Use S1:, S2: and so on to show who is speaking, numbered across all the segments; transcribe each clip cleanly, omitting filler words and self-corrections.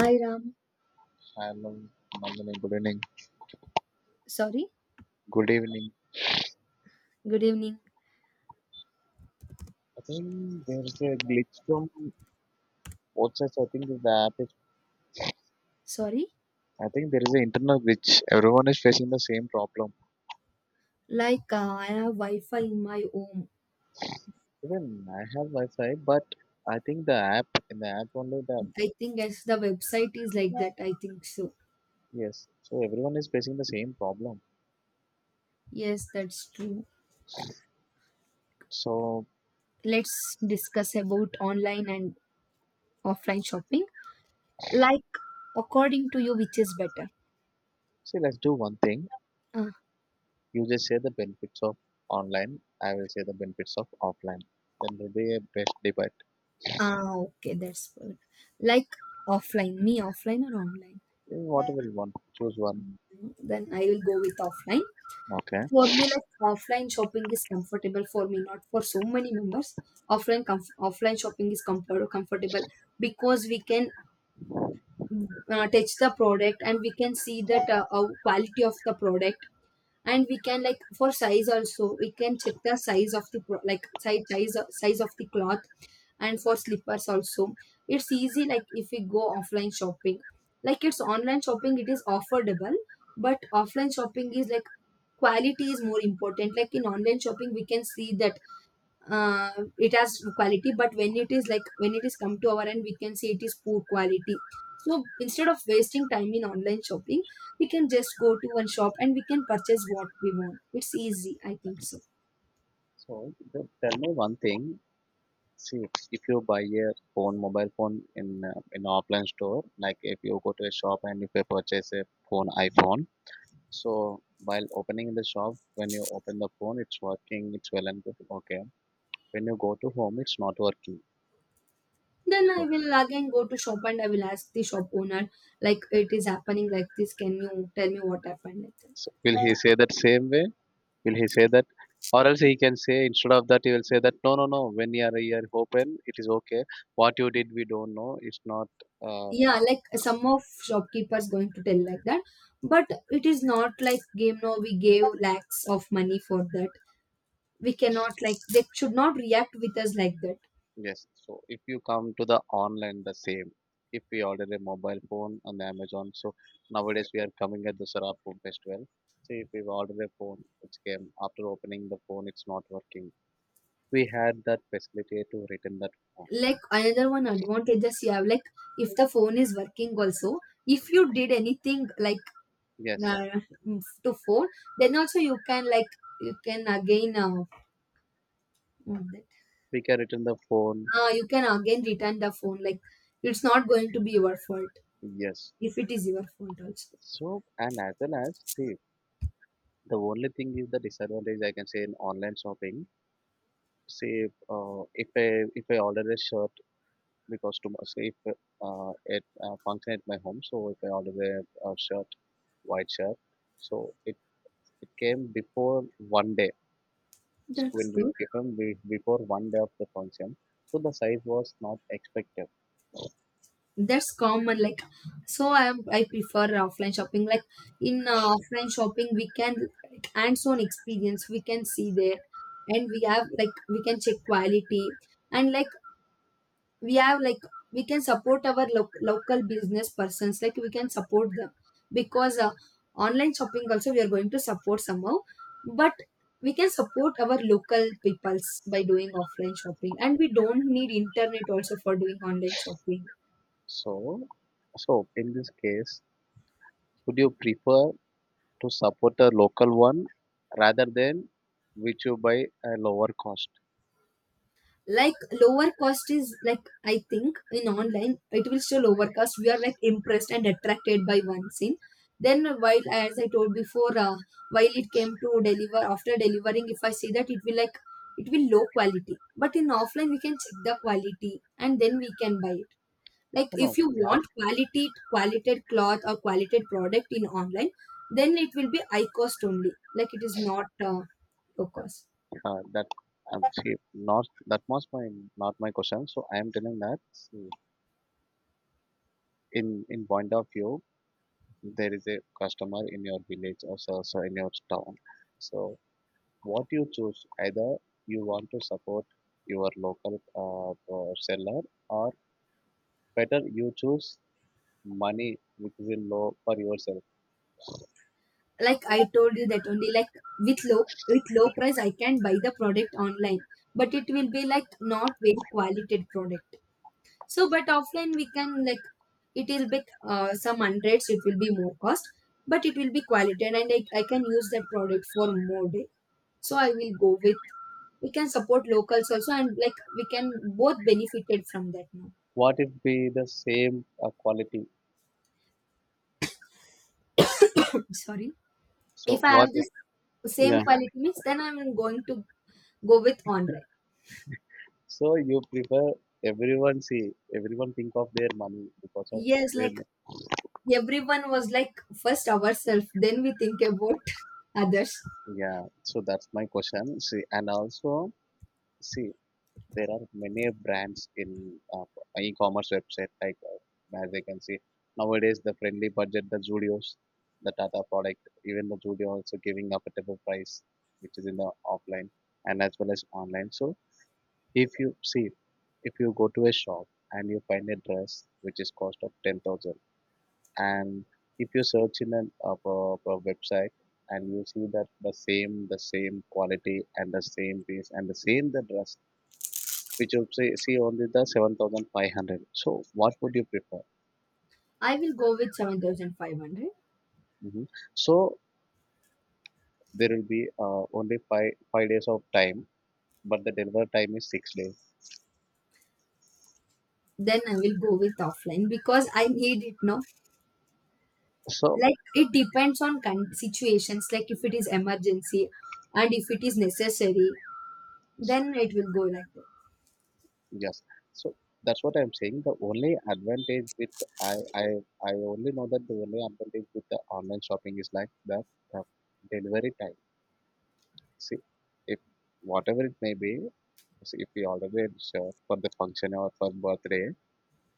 S1: I Ram,
S2: Hello, Aman. Mandani, good evening.
S1: sorry,
S2: Good evening.
S1: good evening.
S2: I think there is a glitch from both sides. I think the app is.
S1: Sorry,
S2: I think there is an internal glitch. Everyone is facing the same problem.
S1: like I have Wi-Fi in my home.
S2: Even I have Wi-Fi, but I think the app in the app only the
S1: I think as the website is like that, I think so.
S2: yes. So everyone is facing the same problem.
S1: Yes, that's true.
S2: So
S1: Let's discuss about online and offline shopping. Like, according to you, which is better?
S2: see, let's do one thing.
S1: Ah,
S2: You just say the benefits of online. I will say the benefits of offline. Then will be a best debate.
S1: okay, that's good. Like offline, me offline or online?
S2: Whatever you want, choose one.
S1: Mm, Then I will go with offline.
S2: Okay.
S1: For me, like offline shopping is comfortable for me, not for so many members. Offline offline shopping is comfortable, because we can touch the product, and we can see that quality of the product. And we can like for size also, we can check the size of the like size of the cloth. And for slippers also, it's easy like if we go offline shopping. Like it's online shopping, it is affordable, but offline shopping is like quality is more important. Like in online shopping we can see that uh, it has quality, but when it is like when it is come to our end, we can see it is poor quality. So instead of wasting time in online shopping, we can just go to one shop and we can purchase what we want. It's easy, I think so.
S2: So tell me one thing. See, if you buy a phone, mobile phone in offline store, like if you go to a shop and if you purchase a phone, iPhone. So while opening in the shop, when you open the phone, it's working, it's well and good. Okay. When you go to home, it's not working.
S1: Then I
S2: So,
S1: will again go to shop and I will ask the shop owner, like it is happening like this, can you tell me what happened, like that.
S2: so will he say that same way? Will he say that? Or else he can say, instead of that he will say that, no, no, no, when you are here open, it is okay. What you did, we don't know. It's not, uh,
S1: Yeah, like some of shopkeepers going to tell like that, but it is not like game. No, we gave lakhs of money for that. We cannot like, they should not react with us like that.
S2: yes. So if you come to the online, the same. If we order a mobile phone on Amazon, so nowadays we are coming at the Sarapur Festival. See, if we order a phone, which came after opening the phone, it's not working. We had that facility to return that phone.
S1: Like another one advantages you have, like if the phone is working also, if you did anything like
S2: Yes,
S1: uh, to phone, then also you can like, you can again what that-
S2: we can return the phone.
S1: you can again return the phone, like it's not going to be your fault.
S2: Yes.
S1: If it is your fault also,
S2: So and as well as see, the only thing is the disadvantage I can say in online shopping. Say, if I order a shirt because to my, say if it function at my home, so if I order a shirt, white shirt, so it came before one day. It
S1: that's
S2: will be
S1: good.
S2: given before one day of the function, so the size was not expected.
S1: That's common. Like so I prefer offline shopping. Like in offline shopping we can like hands-on experience, we can see there. And we have like we can check quality. And like we have like we can support our local business persons, like we can support them. Because online shopping also we are going to support somehow, but we can support our local peoples by doing offline shopping. And we don't need internet also for doing online shopping.
S2: So, so in this case, would you prefer to support a local one rather than which you buy a lower cost?
S1: Like lower cost is like, I think in online it will show lower cost, we are like impressed and attracted by one scene. Then while, as I told before, while it came to deliver, after delivering, if I see that, it will like, it will low quality. But in offline we can check the quality and then we can buy it. Like
S2: No, no,
S1: if you
S2: not
S1: want quality cloth or quality product in online, then it will be high cost only, like it is not low cost.
S2: that. See, not that was my, not my question. So I am telling that. In point of view, there is a customer in your village or so, so in your town, so what you choose? Either you want to support your local seller, or better you choose money which is in low for yourself.
S1: Like I told you that only, like with low price I can buy the product online, but it will be like not very quality product. So but offline we can like, it will be some hundreds, it will be more cost, but it will be quality. And I can use that product for more day. So I will go with, we can support locals also and like we can both benefited from that now.
S2: What if be the same quality?
S1: Sorry. If
S2: So
S1: I
S2: what
S1: have
S2: if-
S1: this same
S2: yeah,
S1: quality means, then I'm going to go with online.
S2: so you prefer? Everyone, see, everyone think of their money because of
S1: Yes, like
S2: where?
S1: everyone was like first ourselves, then we think about others.
S2: Yeah, so that's my question. See, and also, see, there are many brands in e-commerce website, like as I can see nowadays, the friendly budget, the Zudios, the Tata product. Even the Zudio also giving affordable price, which is in the offline and as well as online. So if you see, if you go to a shop and you find a dress which is cost of 10,000, and if you search in an website, and you see that the same quality and the same piece and the dress, which you say, see only the 7500, so what would you prefer?
S1: I will go with 7,500.
S2: Hmm. So there will be only five days of time, but the delivery time is 6 days.
S1: Then I will go with offline because I need it now.
S2: So
S1: Like it depends on situations, like if it is emergency and if it is necessary, then it will go like that.
S2: yes, so that's what I'm saying, the only advantage with i i I only know, that the only advantage with the online shopping is like the delivery time. See, if whatever it may be, see, if we already reserve for the function or for birthday,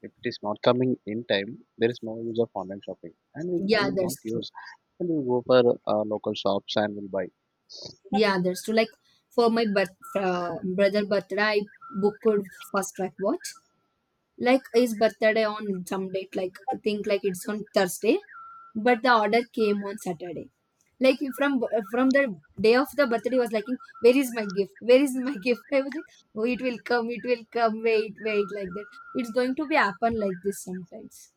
S2: if it is not coming in time, there is no use of online shopping, and we
S1: Yeah,
S2: will not
S1: that's true.
S2: use. And we go for local shops and will buy.
S1: Yeah, that's true. Like for my brother birthday, I booked fast track watch. Like his birthday on some date, like I think like it's on Thursday, but the order came on Saturday. Like from the day of the birthday was like, where is my gift, where is my gift, I was like, oh it will come, it will come, wait wait, like that. It's going to be happen like this sometimes.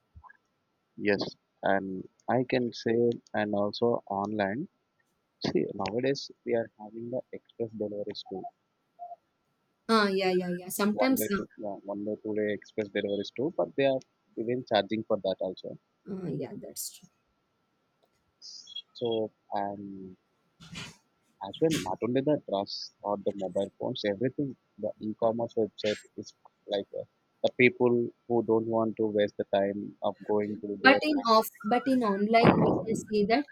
S2: Yes, and I can say, and also online. See, nowadays we are having the express deliveries too.
S1: Ah, yeah yeah yeah,
S2: One
S1: sometimes
S2: day, to, one day, two-day express deliveries too. But they are even charging for that also.
S1: yeah, that's.
S2: So, and as well, not only the dress or the mobile phones, everything, the e-commerce website is like the people who don't want to waste the time of going to
S1: But
S2: there.
S1: in online we can see that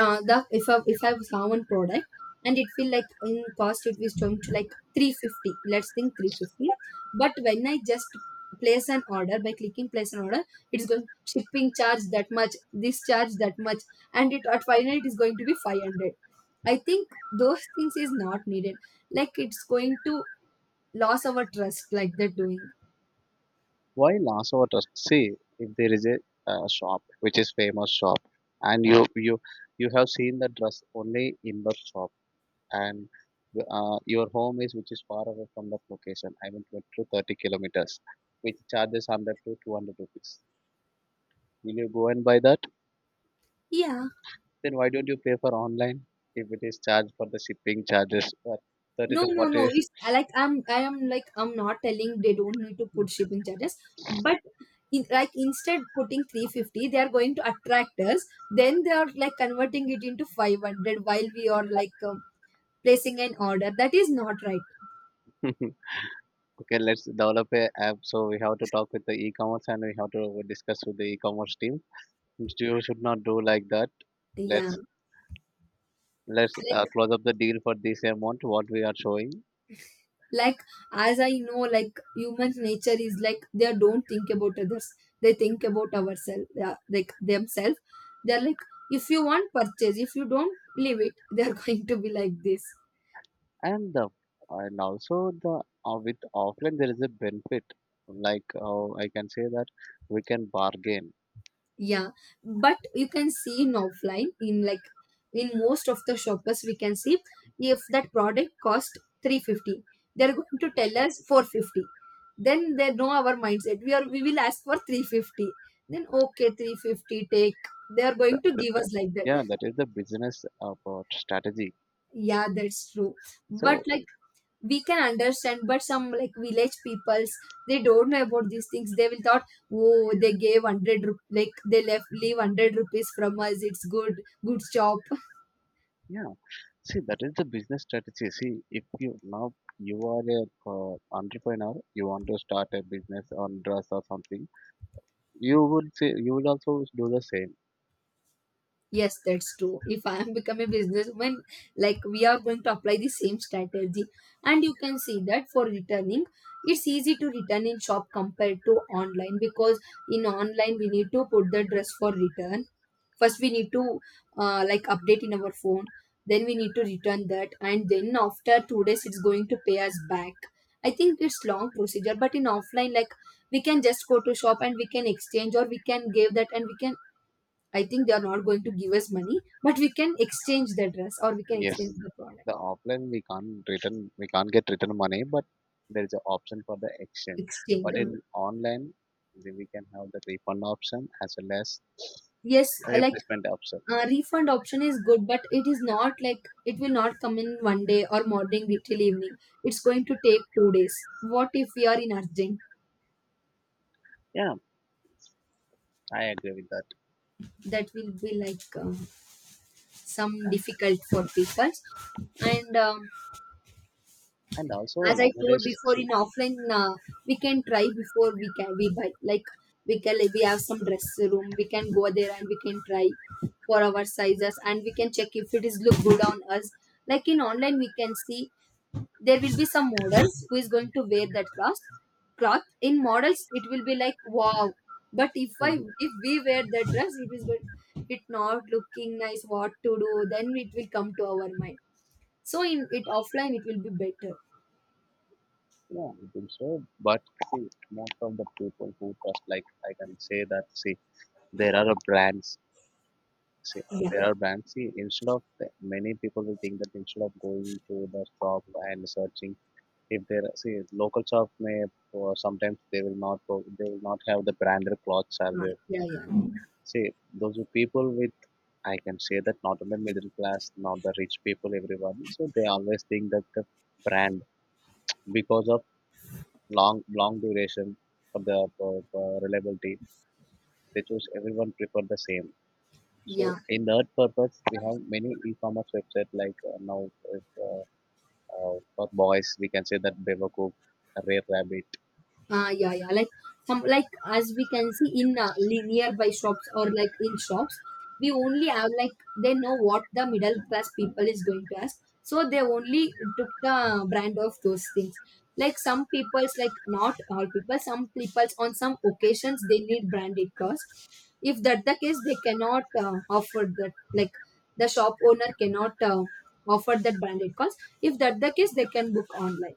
S1: the if I saw one product, and it will like in cost it was going to like 350, let's think 350. But when I just place an order, by clicking place an order, it's going shipping charge that much, this charge that much, and it at final it is going to be 500. I think those things is not needed, like it's going to lose our trust, like they're doing.
S2: Why loss our trust? See, if there is a shop which is famous shop, and you have seen the dress only in the shop, and your home is which is far away from that location. I mean, 20 to 30 kilometers, which charges 100 to 200 rupees. Will you go and buy that?
S1: Yeah.
S2: Then why don't you pay for online if it is charged for the shipping charges for 30
S1: No,
S2: to
S1: no, no.
S2: 40?
S1: It's I like I'm I am like, I'm not telling they don't need to put shipping charges, but in, like instead putting 350, they are going to attract us. Then they are like converting it into 500 while we are like placing an order. That is not right.
S2: Okay, let's develop a app. So we have to talk with the e-commerce and we have to discuss with the e-commerce team. You should not do like that.
S1: Yeah,
S2: Let's let's
S1: like
S2: uh, close up the deal for this amount what we are showing.
S1: like as I know, like human nature is like they don't think about others. They think about ourselves, yeah, like themselves. They're like if you want purchase, if you don't leave it, they're going to be like this.
S2: And the and also, the with offline there is a benefit, like I can say that we can bargain.
S1: Yeah, but you can see in offline, in like in most of the shoppers we can see, if that product cost 350, they're going to tell us 450. Then they know our mindset, we will ask for 350. Then okay, 350 take, they are going to give us like that.
S2: Yeah, that is the business strategy.
S1: Yeah, that's true, but
S2: So
S1: like we can understand. But some like village peoples, they don't know about these things. They will thought, oh they gave 100 like they left leave 100 rupees from us, it's good job.
S2: yeah, see, that is the business strategy. See, if you now, you are a entrepreneur, you want to start a business on dress or something, you would say you would also do the same.
S1: Yes, that's true. If I am become a businessman, like we are going to apply the same strategy. And you can see that for returning, it's easy to return in shop compared to online, because in online we need to put the dress for return. First we need to like update in our phone, then we need to return that, and then after 2 days it's going to pay us back. I think it's long procedure, but in offline like we can just go to shop and we can exchange or we can give that. And we can, I think they are not going to give us money, but we can exchange the dress or we can exchange
S2: Yes,
S1: the product.
S2: the offline we can't return, we can't get return money, but there is an option for the exchange.
S1: Exchange.
S2: But
S1: uh,
S2: in online, then we can have the refund option as well as
S1: Yes, like
S2: replacement option.
S1: refund option is good, but it is not like it will not come in one day or morning till evening. It's going to take 2 days. What if we are in urgent?
S2: Yeah, I agree with that.
S1: That will be like some difficult for people. And
S2: And also
S1: as I told
S2: nowadays,
S1: before,
S2: see,
S1: in offline, we can try before we buy. Like we can like, we have some dress room, we can go there and we can try for our sizes, and we can check if it is look good on us. Like in online, we can see there will be some models who is going to wear that cloth. Cloth in models, it will be like wow. But if I if we wear that dress, it is going, it not looking nice. What to do? Then it will come to our mind. So in it offline, it will be better.
S2: yeah, I think so. But see, most of the people who trust, like I can say that, see, there are a brands. See,
S1: Yeah.
S2: there are brands. See, instead of, many people will think that instead of going to the shop and searching, if see local shop may, or sometimes they will not they will not have the branded clothes are there.
S1: Yeah, yeah,
S2: See, those are people with, I can say that, not only middle class, not the rich people, everyone. So they always think that the brand, because of long long duration for for reliability, they choose. Everyone prefer the same. So
S1: yeah,
S2: in that purpose, we have many e-commerce website like now if, for boys we can say that Bevacook, Rare Rabbit.
S1: yeah, yeah. Like some, like as we can see in nearby shops or like in shops, we only have like they know what the middle class people is going to ask, so they only took the brand of those things. Like some people's, like not all people, some people's on some occasions they need branded clothes. If that the case, they cannot offer that. Like the shop owner cannot offer that branded clothes. If that the case, they can book online.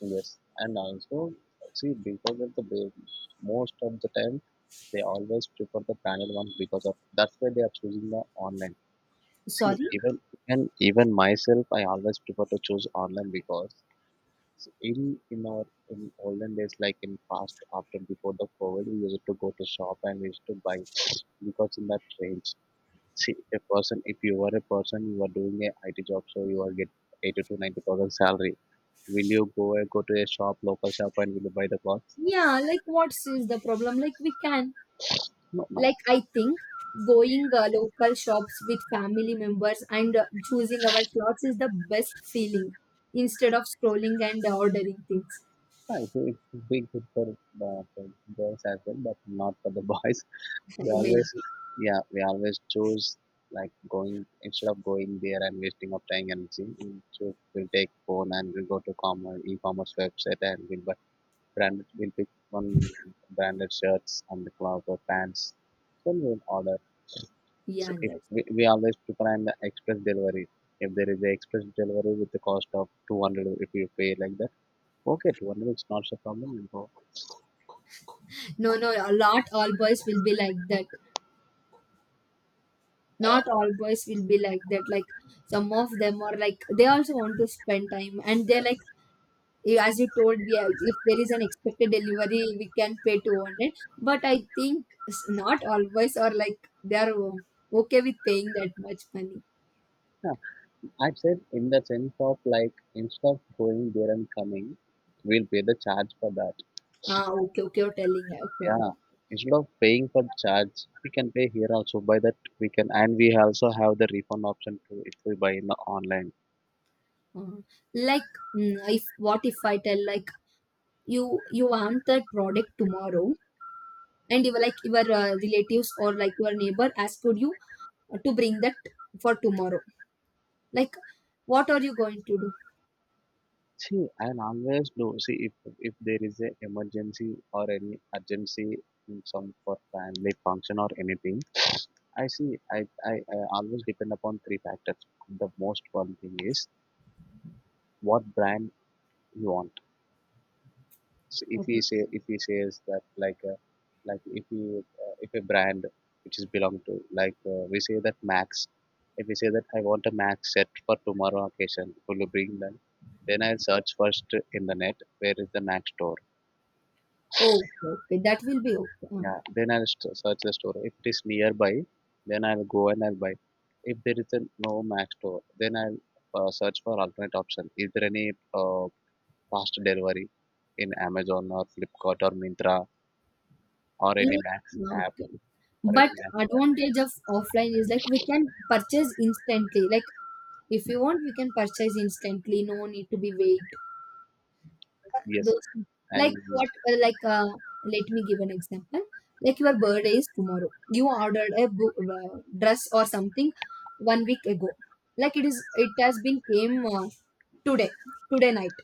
S2: Yes, and also see, because of most of the time they always prefer the branded ones, because of that's why they are choosing the online. See
S1: Sorry?
S2: even, and even myself, I always prefer to choose online because, so in our in olden days, like in past, after before the COVID, we used to go to shop and we used to buy because in that range, see, a person, if you were a person you are doing a IT job, so you are get eighty to ninety thousand salary. Will you go and go to a shop, local shop, and will you buy the clothes?
S1: Yeah, like what's is the problem? Like we can,
S2: No, no.
S1: like I think going local shops with family members and choosing our clothes is the best feeling, instead of scrolling and ordering things.
S2: I think it would be good for the, for girls as well, but not for the boys. We always,
S1: Maybe.
S2: yeah, we always choose, like going, instead of going there and wasting of time and energy. We choose, we'll take phone and we'll go to e-commerce website and we'll buy branded. We'll pick one branded shirts and the cloth or pants. Then we'll order. So
S1: Yeah,
S2: if
S1: that.
S2: we, we always prefer an express delivery. If there is a express delivery with the cost of 200, if you pay like that, okay, 200 is not a problem. We'll go.
S1: No, no, a lot all boys will be like that. Not all boys will be like that. Like some of them are like they also want to spend time, and they're like as you told, we have, if there is an expected delivery we can pay 200, but I think not always, or like they are okay with paying that much money.
S2: I'd said in the sense of, like, instead of going there and coming, we'll pay the charge for that.
S1: Okay, okay, you're telling okay.
S2: Yeah, instead of paying for the charge, we can pay here also. By that we can, and we also have the refund option too if we buy in the online.
S1: Uh, like, if what if I tell like, you want that product tomorrow, and you were like your relatives or like your neighbor asked you to bring that for tomorrow, like, what are you going to do?
S2: See, I'll always do. See, if there is a emergency or any urgency in some for family function or anything, I see. I always depend upon three factors. The most one thing is what brand you want. So if
S1: Oh,
S2: he say if he says that like if a brand which is belong to, like we say that Max, if we say that I want a Max set for tomorrow occasion, will you bring them? Then I'll search first in the net where is the Max store.
S1: okay, okay, that will be okay. Uh-huh.
S2: Yeah, then I'll search the store. If it is nearby, then I'll go and I'll buy. If there is a no Max store, then I'll search for alternate option. Is there any fast delivery in Amazon or Flipkart or Mintra or any
S1: Like,
S2: Max app?
S1: okay.
S2: Or I
S1: But
S2: didn't answer that.
S1: advantage of offline is like we can purchase instantly. Like, if you want, we can purchase instantly. No need to be wait.
S2: Yes,
S1: Those, like
S2: and
S1: what like let me give an example. Like your birthday is tomorrow. You ordered a dress or something one week ago. Like it has been came today, today night.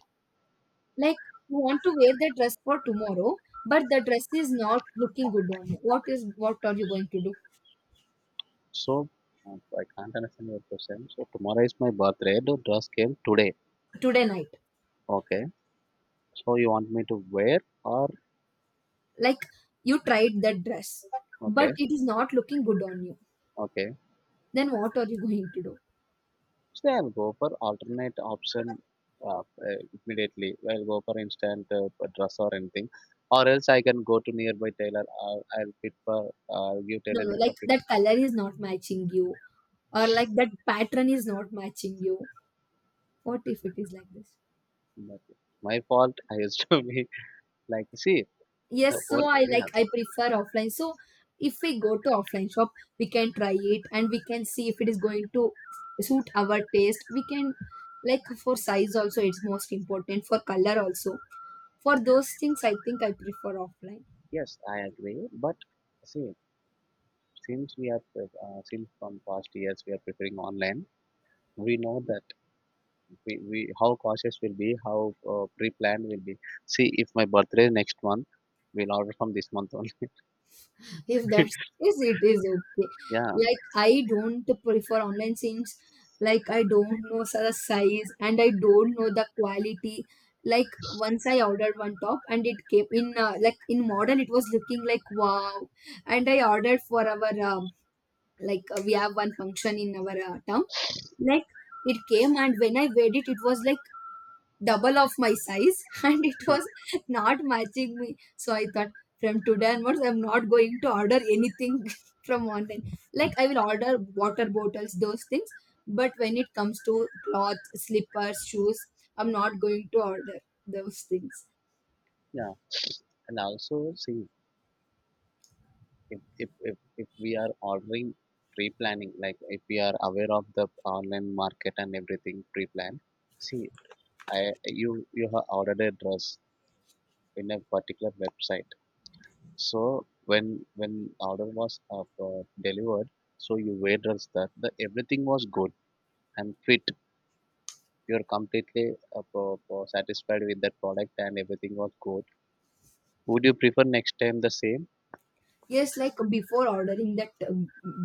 S1: Like you want to wear the dress for tomorrow, but the dress is not looking good on you. What are you going to do?
S2: so I can't understand your question. So tomorrow is my birthday. The dress came today.
S1: Today night.
S2: Okay. So you want me to wear, or
S1: Like you tried that dress, but
S2: okay,
S1: it is not looking good on you.
S2: okay.
S1: Then what are you going to do?
S2: So I'll go for alternate option uh, uh, immediately. I'll go for instant dress or anything, or else I can go to nearby tailor. I'll fit for I'll give
S1: No, no,
S2: tailoring for
S1: like that color is not matching you, or like that pattern is not matching you. What if it is like this?
S2: my fault. I used to be like see
S1: Yes,
S2: the
S1: so
S2: whole
S1: i
S2: yeah.
S1: like i prefer offline. So if we go to offline shop, we can try it, and we can see if it is going to suit our taste. We can, like for size also, it's most important, for color also. For those things, I think I prefer offline.
S2: Yes, I agree, but see, since we are since from past years we are preferring online. We know that we how cautious will be, how pre-planned will be. See, if my birthday is next month, we'll order from this month only.
S1: If that's the case, it is okay.
S2: Yeah.
S1: Like, I don't prefer online since, like, I don't know the size, and I don't know the quality. Like, once I ordered one top, and it came in, like in model it was looking like wow. And I ordered for our, like, we have one function in our town. Like it came, and when I wear it, it was like double of my size and it was not matching me, so I thought, from today onwards I'm not going to order anything from online. Like, I will order water bottles, those things, but when it comes to cloth, slippers, shoes, I'm not going to order those things.
S2: Yeah, and also see, if we are ordering pre-planning, like if we are aware of the online market and everything pre-plan. See, I you you have ordered a dress in a particular website. So when order was delivered, so you weighed that the everything was good and fit. You're completely satisfied with that product and everything was good. Would you prefer next time the same?
S1: Yes, like before ordering that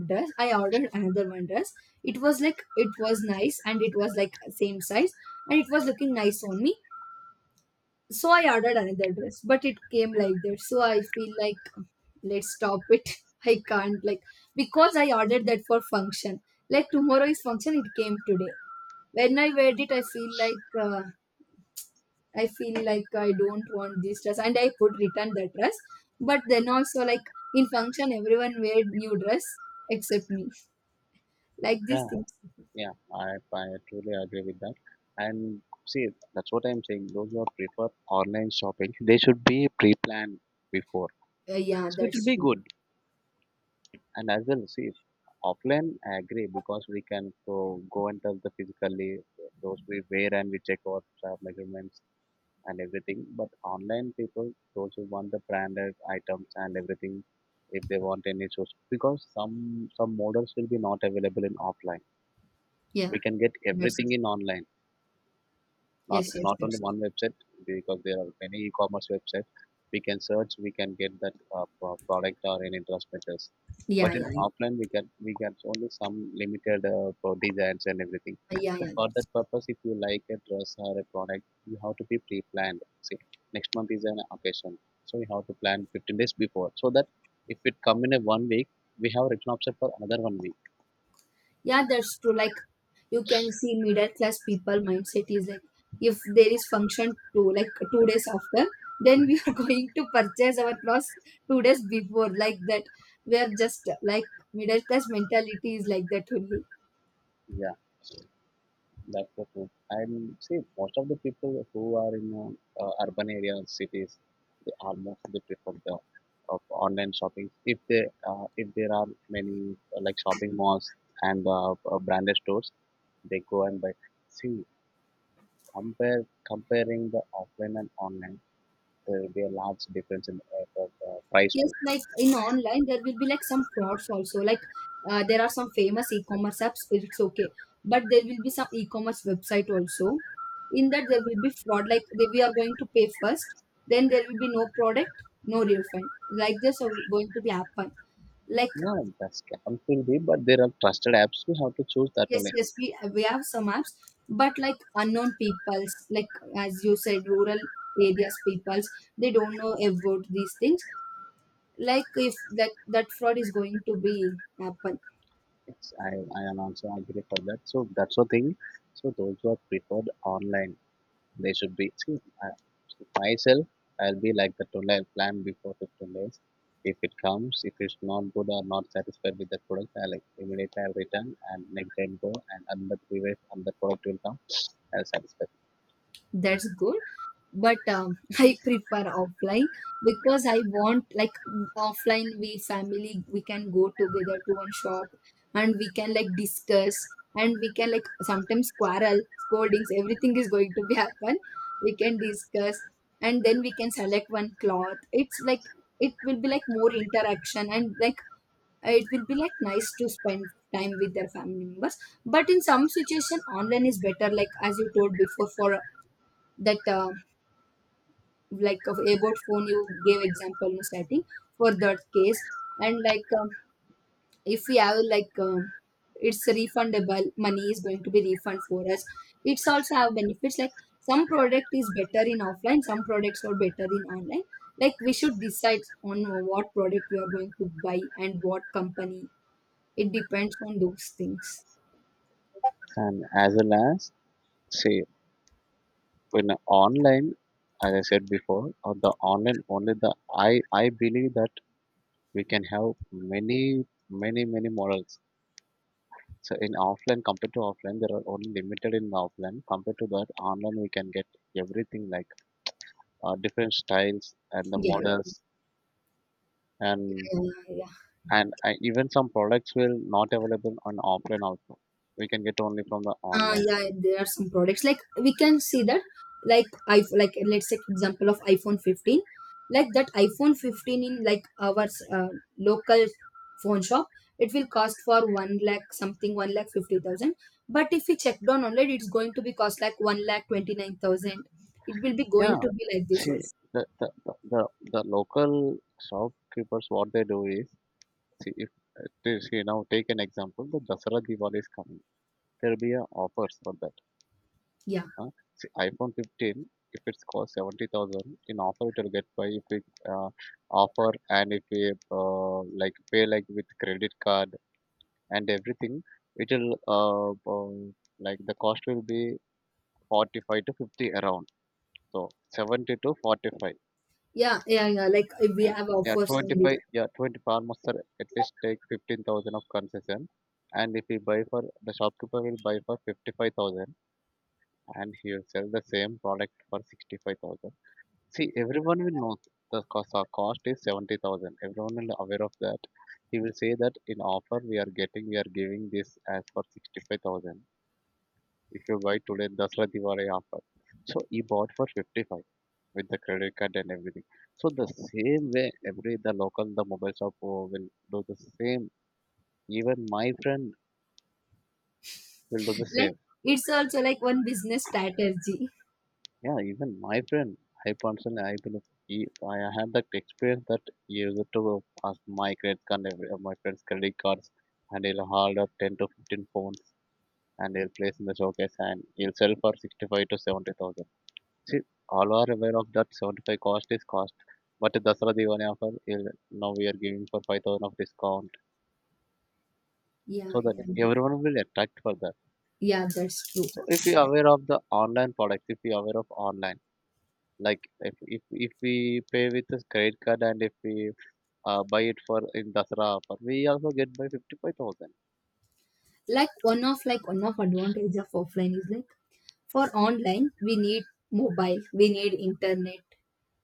S1: dress, I ordered another one dress. It was like, it was nice, and it was like same size, and it was looking nice on me. So I ordered another dress, but it came like that. So I feel like, let's stop it. I can't like, because I ordered that for function. Like tomorrow is function, it came today. When I wear it, I feel like I don't want this dress, and I put return that dress. But then also, like in function, everyone wear new dress except me. Like these
S2: Yeah,
S1: things.
S2: yeah, I truly agree with that. And see, that's what I'm saying. Those who prefer online shopping, they should be pre-planned before.
S1: Yeah,
S2: So it will
S1: that's
S2: be
S1: true.
S2: good. And as well, see, offline, I agree because we can go, go and touch the physically those we wear and we check our measurements and everything. But online people, those who want the branded items and everything, if they want any shoes, because some models will be not available in offline.
S1: Yeah,
S2: We can get
S1: that's,
S2: everything in online, not
S1: yes, yes,
S2: not only
S1: that's,
S2: one website, because there are many e-commerce websites. We can search, we can get that product or any dress matters.
S1: yeah,
S2: But
S1: yeah,
S2: in
S1: yeah,
S2: offline we can, we get only some limited pro designs and everything.
S1: yeah,
S2: So
S1: yeah.
S2: for
S1: That's,
S2: that purpose, if you like a dress or a product, you have to be pre-planned. See, next month is an occasion, so you have to plan 15 days before, so that if it come in a 1 week, we have written option for another 1 week.
S1: yeah, that's true. Like, you can see middle class people mindset is like, if there is function, 2 days after, then we are going to purchase our clothes 2 days before, like that. We are just like, middle class mentality is like that only.
S2: Yeah. That's the truth. And see, most of the people who are in urban areas, cities, they are mostly prefer the of online shopping. If they if there are many like shopping malls and branded stores, they go and buy. See, compare comparing the offline and online, there will be a large difference in price
S1: Yes,
S2: too.
S1: like in online, there will be like some frauds also. Like, there are some famous e-commerce apps, it's okay, but there will be some e-commerce website also. In that, there will be fraud. Like, they, we are going to pay first, then there will be no product, no refund. Like, this are going to be happen. Like,
S2: No, that's can be, but there are trusted apps. We have to choose that
S1: yes,
S2: only.
S1: yes, we have some apps, but like unknown peoples, like as you said, rural areas peoples, they don't know about these things. Like if that fraud is going to be happen.
S2: Yes, I am also agree for that. So that's the thing. So those who are preferred online, they should be. See, I, myself, I'll be like that only. I'll plan before 15 days. If it comes, if it's not good or not satisfied with the product, I'll like, immediately I'll return, and next time go, and another previous another product will come. I'll satisfy.
S1: That's good, but I prefer offline, because I want, like offline, we family, we can go together to one shop, and we can like discuss, and we can like sometimes quarrel, scoldings, everything is going to be happen. We can discuss, and then we can select one cloth. It's like, it will be like more interaction, and like it will be like nice to spend time with their family members. But in some situation, online is better, like as you told before, for that, like of about phone you gave example in starting, for that case. And like, if we have, like, it's refundable, money is going to be refund for us. It's also have benefits, like some product is better in offline, some products are better in online. Like, we should decide on what product we are going to buy, and what company. It depends on those things.
S2: And as well as see, when online, as I said before, or the online only, the I believe that we can have many many models. So in offline, compared to offline there are only limited in offline, compared to that online we can get everything, like different styles and the
S1: Yeah.
S2: models. And
S1: Yeah, yeah. Yeah.
S2: even some products will not available on offline also, we can get only from the online.
S1: Yeah, there are some products like we can see that. Like, I like let's take example of iPhone 15. Like that iPhone 15 in like our uh, local phone shop, it will cost for 1 lakh something, 1 lakh 50,000. But if we check down online, it's going to be cost like 1 lakh 29,000. It will be going
S2: Yeah.
S1: to be like this
S2: See,
S1: also.
S2: the the, the, the, the local shopkeepers, what they do is, see if see now take an example, the Dasara Diwali is coming, there will be a offers for that.
S1: Yeah,
S2: Uh, See, iPhone 15, if it's cost 70,000, in offer it will get by if we uh, offer and if we like pay like with credit card and everything, it will like the cost will be 45 to 50 around. So 70 to 45.
S1: yeah, yeah, yeah, like, we have
S2: Yeah,
S1: offers on this.
S2: 25, yeah, 25 almost sir, at least take 15,000 of concession. And if we buy, for the shopkeeper will buy for 55,000 and he will sell the same product for 65,000. See, everyone will know the cost, our cost is 70,000. Everyone will aware of that. He will say that in offer we are getting, we are giving this as for 65,000. If you buy today, Dasra Diwali offer. So he bought for 55 with the credit card and everything. So the same way, every the local, the mobile shop will do the same. Even my friend will do the
S1: Like,
S2: same.
S1: it's also like one business strategy.
S2: Yeah, even my friend, I personally, I believe he, I had that experience that he used to pass my credit card, my friend's credit cards, and he'll hold up 10 to 15 phones, and he'll place in the showcase, and he'll sell for 65 to 70,000. See, all are aware of that 75 cost is cost, but the Dasara Diwali offer, he'll, now we are giving for 5,000 of discount,
S1: Yeah,
S2: so that
S1: yeah,
S2: everyone will attract for that.
S1: yeah, that's true.
S2: So if you're aware of the online products, if you're aware of online, like if we pay with this credit card and if we buy it for in Dasara offer, we also get by 55,000.
S1: Like one of advantage of offline is like, for online we need mobile, we need internet,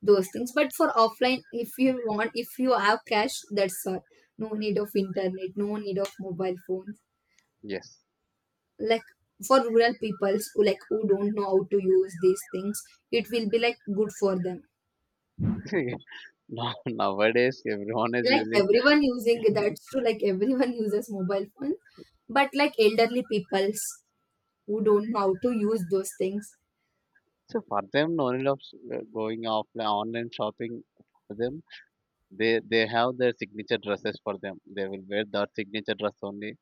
S1: those things, but for offline, if you want, if you have cash, that's all. No need of internet, no need of mobile phones.
S2: Yes.
S1: Like for rural peoples, who, like, who don't know how to use these things, it will be like good for them.
S2: Now, nowadays everyone is
S1: Like,
S2: using,
S1: everyone using, that's true, like everyone uses mobile phones, but like elderly peoples who don't know how to use those things.
S2: so for them no need of going offline online shopping. For them, they have their signature dresses. For them, they will wear that signature dress only.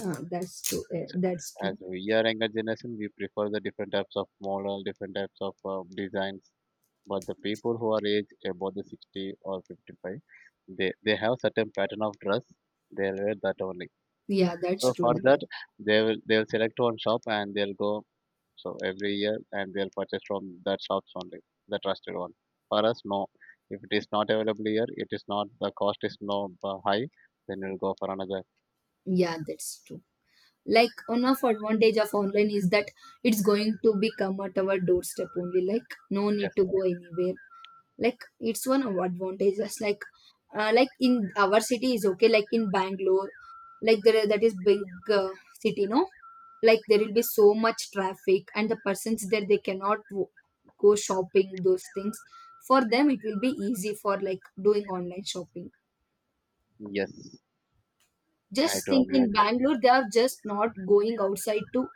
S1: That's true.
S2: So
S1: That's
S2: as
S1: true.
S2: we are younger generation, we prefer the different types of model, different types of designs. But the people who are age above the 60 or 55, they have certain pattern of dress, they'll wear that only.
S1: Yeah, that's
S2: So for
S1: true.
S2: that, they will, they'll select one shop and they'll go, so every year, and they'll purchase from that shops only, the trusted one. For us, no, if it is not available here, it is not, the cost is no high, then we'll go for another.
S1: Yeah, that's true. Like, one of advantage of online is that, it's going to be come at our doorstep only. Like, no
S2: Yes,
S1: need to go anywhere. Like, it's one of advantages. Like in our city is okay. Like in Bangalore, like, there that is big uh, city, no? Like, there will be so much traffic, and the persons there, they cannot go shopping, those things. For them, it will be easy for, like, doing online shopping.
S2: yes, I
S1: Just
S2: do
S1: think,
S2: agree with
S1: in
S2: that.
S1: Bangalore, they are just not going outside to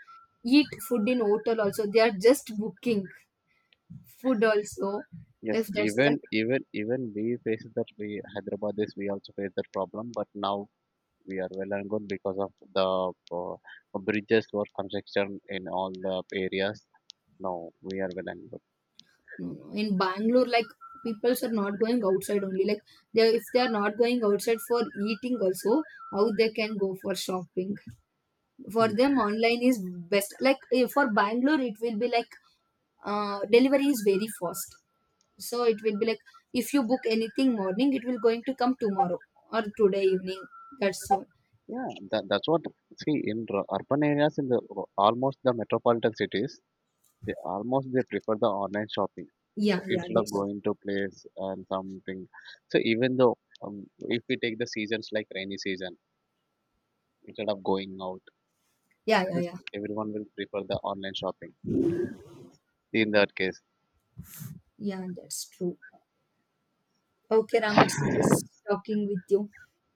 S1: eat food in hotel also. They are just booking food also.
S2: Yes,
S1: If that's the
S2: even we face that, we Hyderabad is, we also face that problem, but now we are well and good because of the bridges or construction in all the areas. Now we are well and good.
S1: No, no, in Bangalore, like, peoples are not going outside only. Like, they, if they are not going outside for eating also, how they can go for shopping? For
S2: Mm.
S1: them, online is best. Like, for Bangalore, it will be like, delivery is very fast. So it will be like, if you book anything morning, it will going to come tomorrow or today evening. That's all.
S2: Yeah, that, that's what. See, in urban areas, in the almost the metropolitan cities, they almost they prefer the online shopping. So
S1: Yeah, yeah,
S2: instead of
S1: that's,
S2: going to place and something, so even though if we take the seasons like rainy season, instead of going out,
S1: yeah, yeah, yeah,
S2: everyone will prefer the online shopping. In that case,
S1: yeah, that's true. Okay, Ram, it's nice talking with you.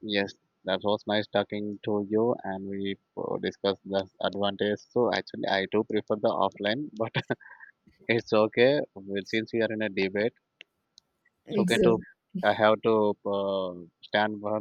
S2: yes, that was nice talking to you, and we discussed the advantage. So actually, I do prefer the offline, but it's okay. Well, since we are in a debate, it's
S1: It's
S2: okay to,
S1: a
S2: I have to stand for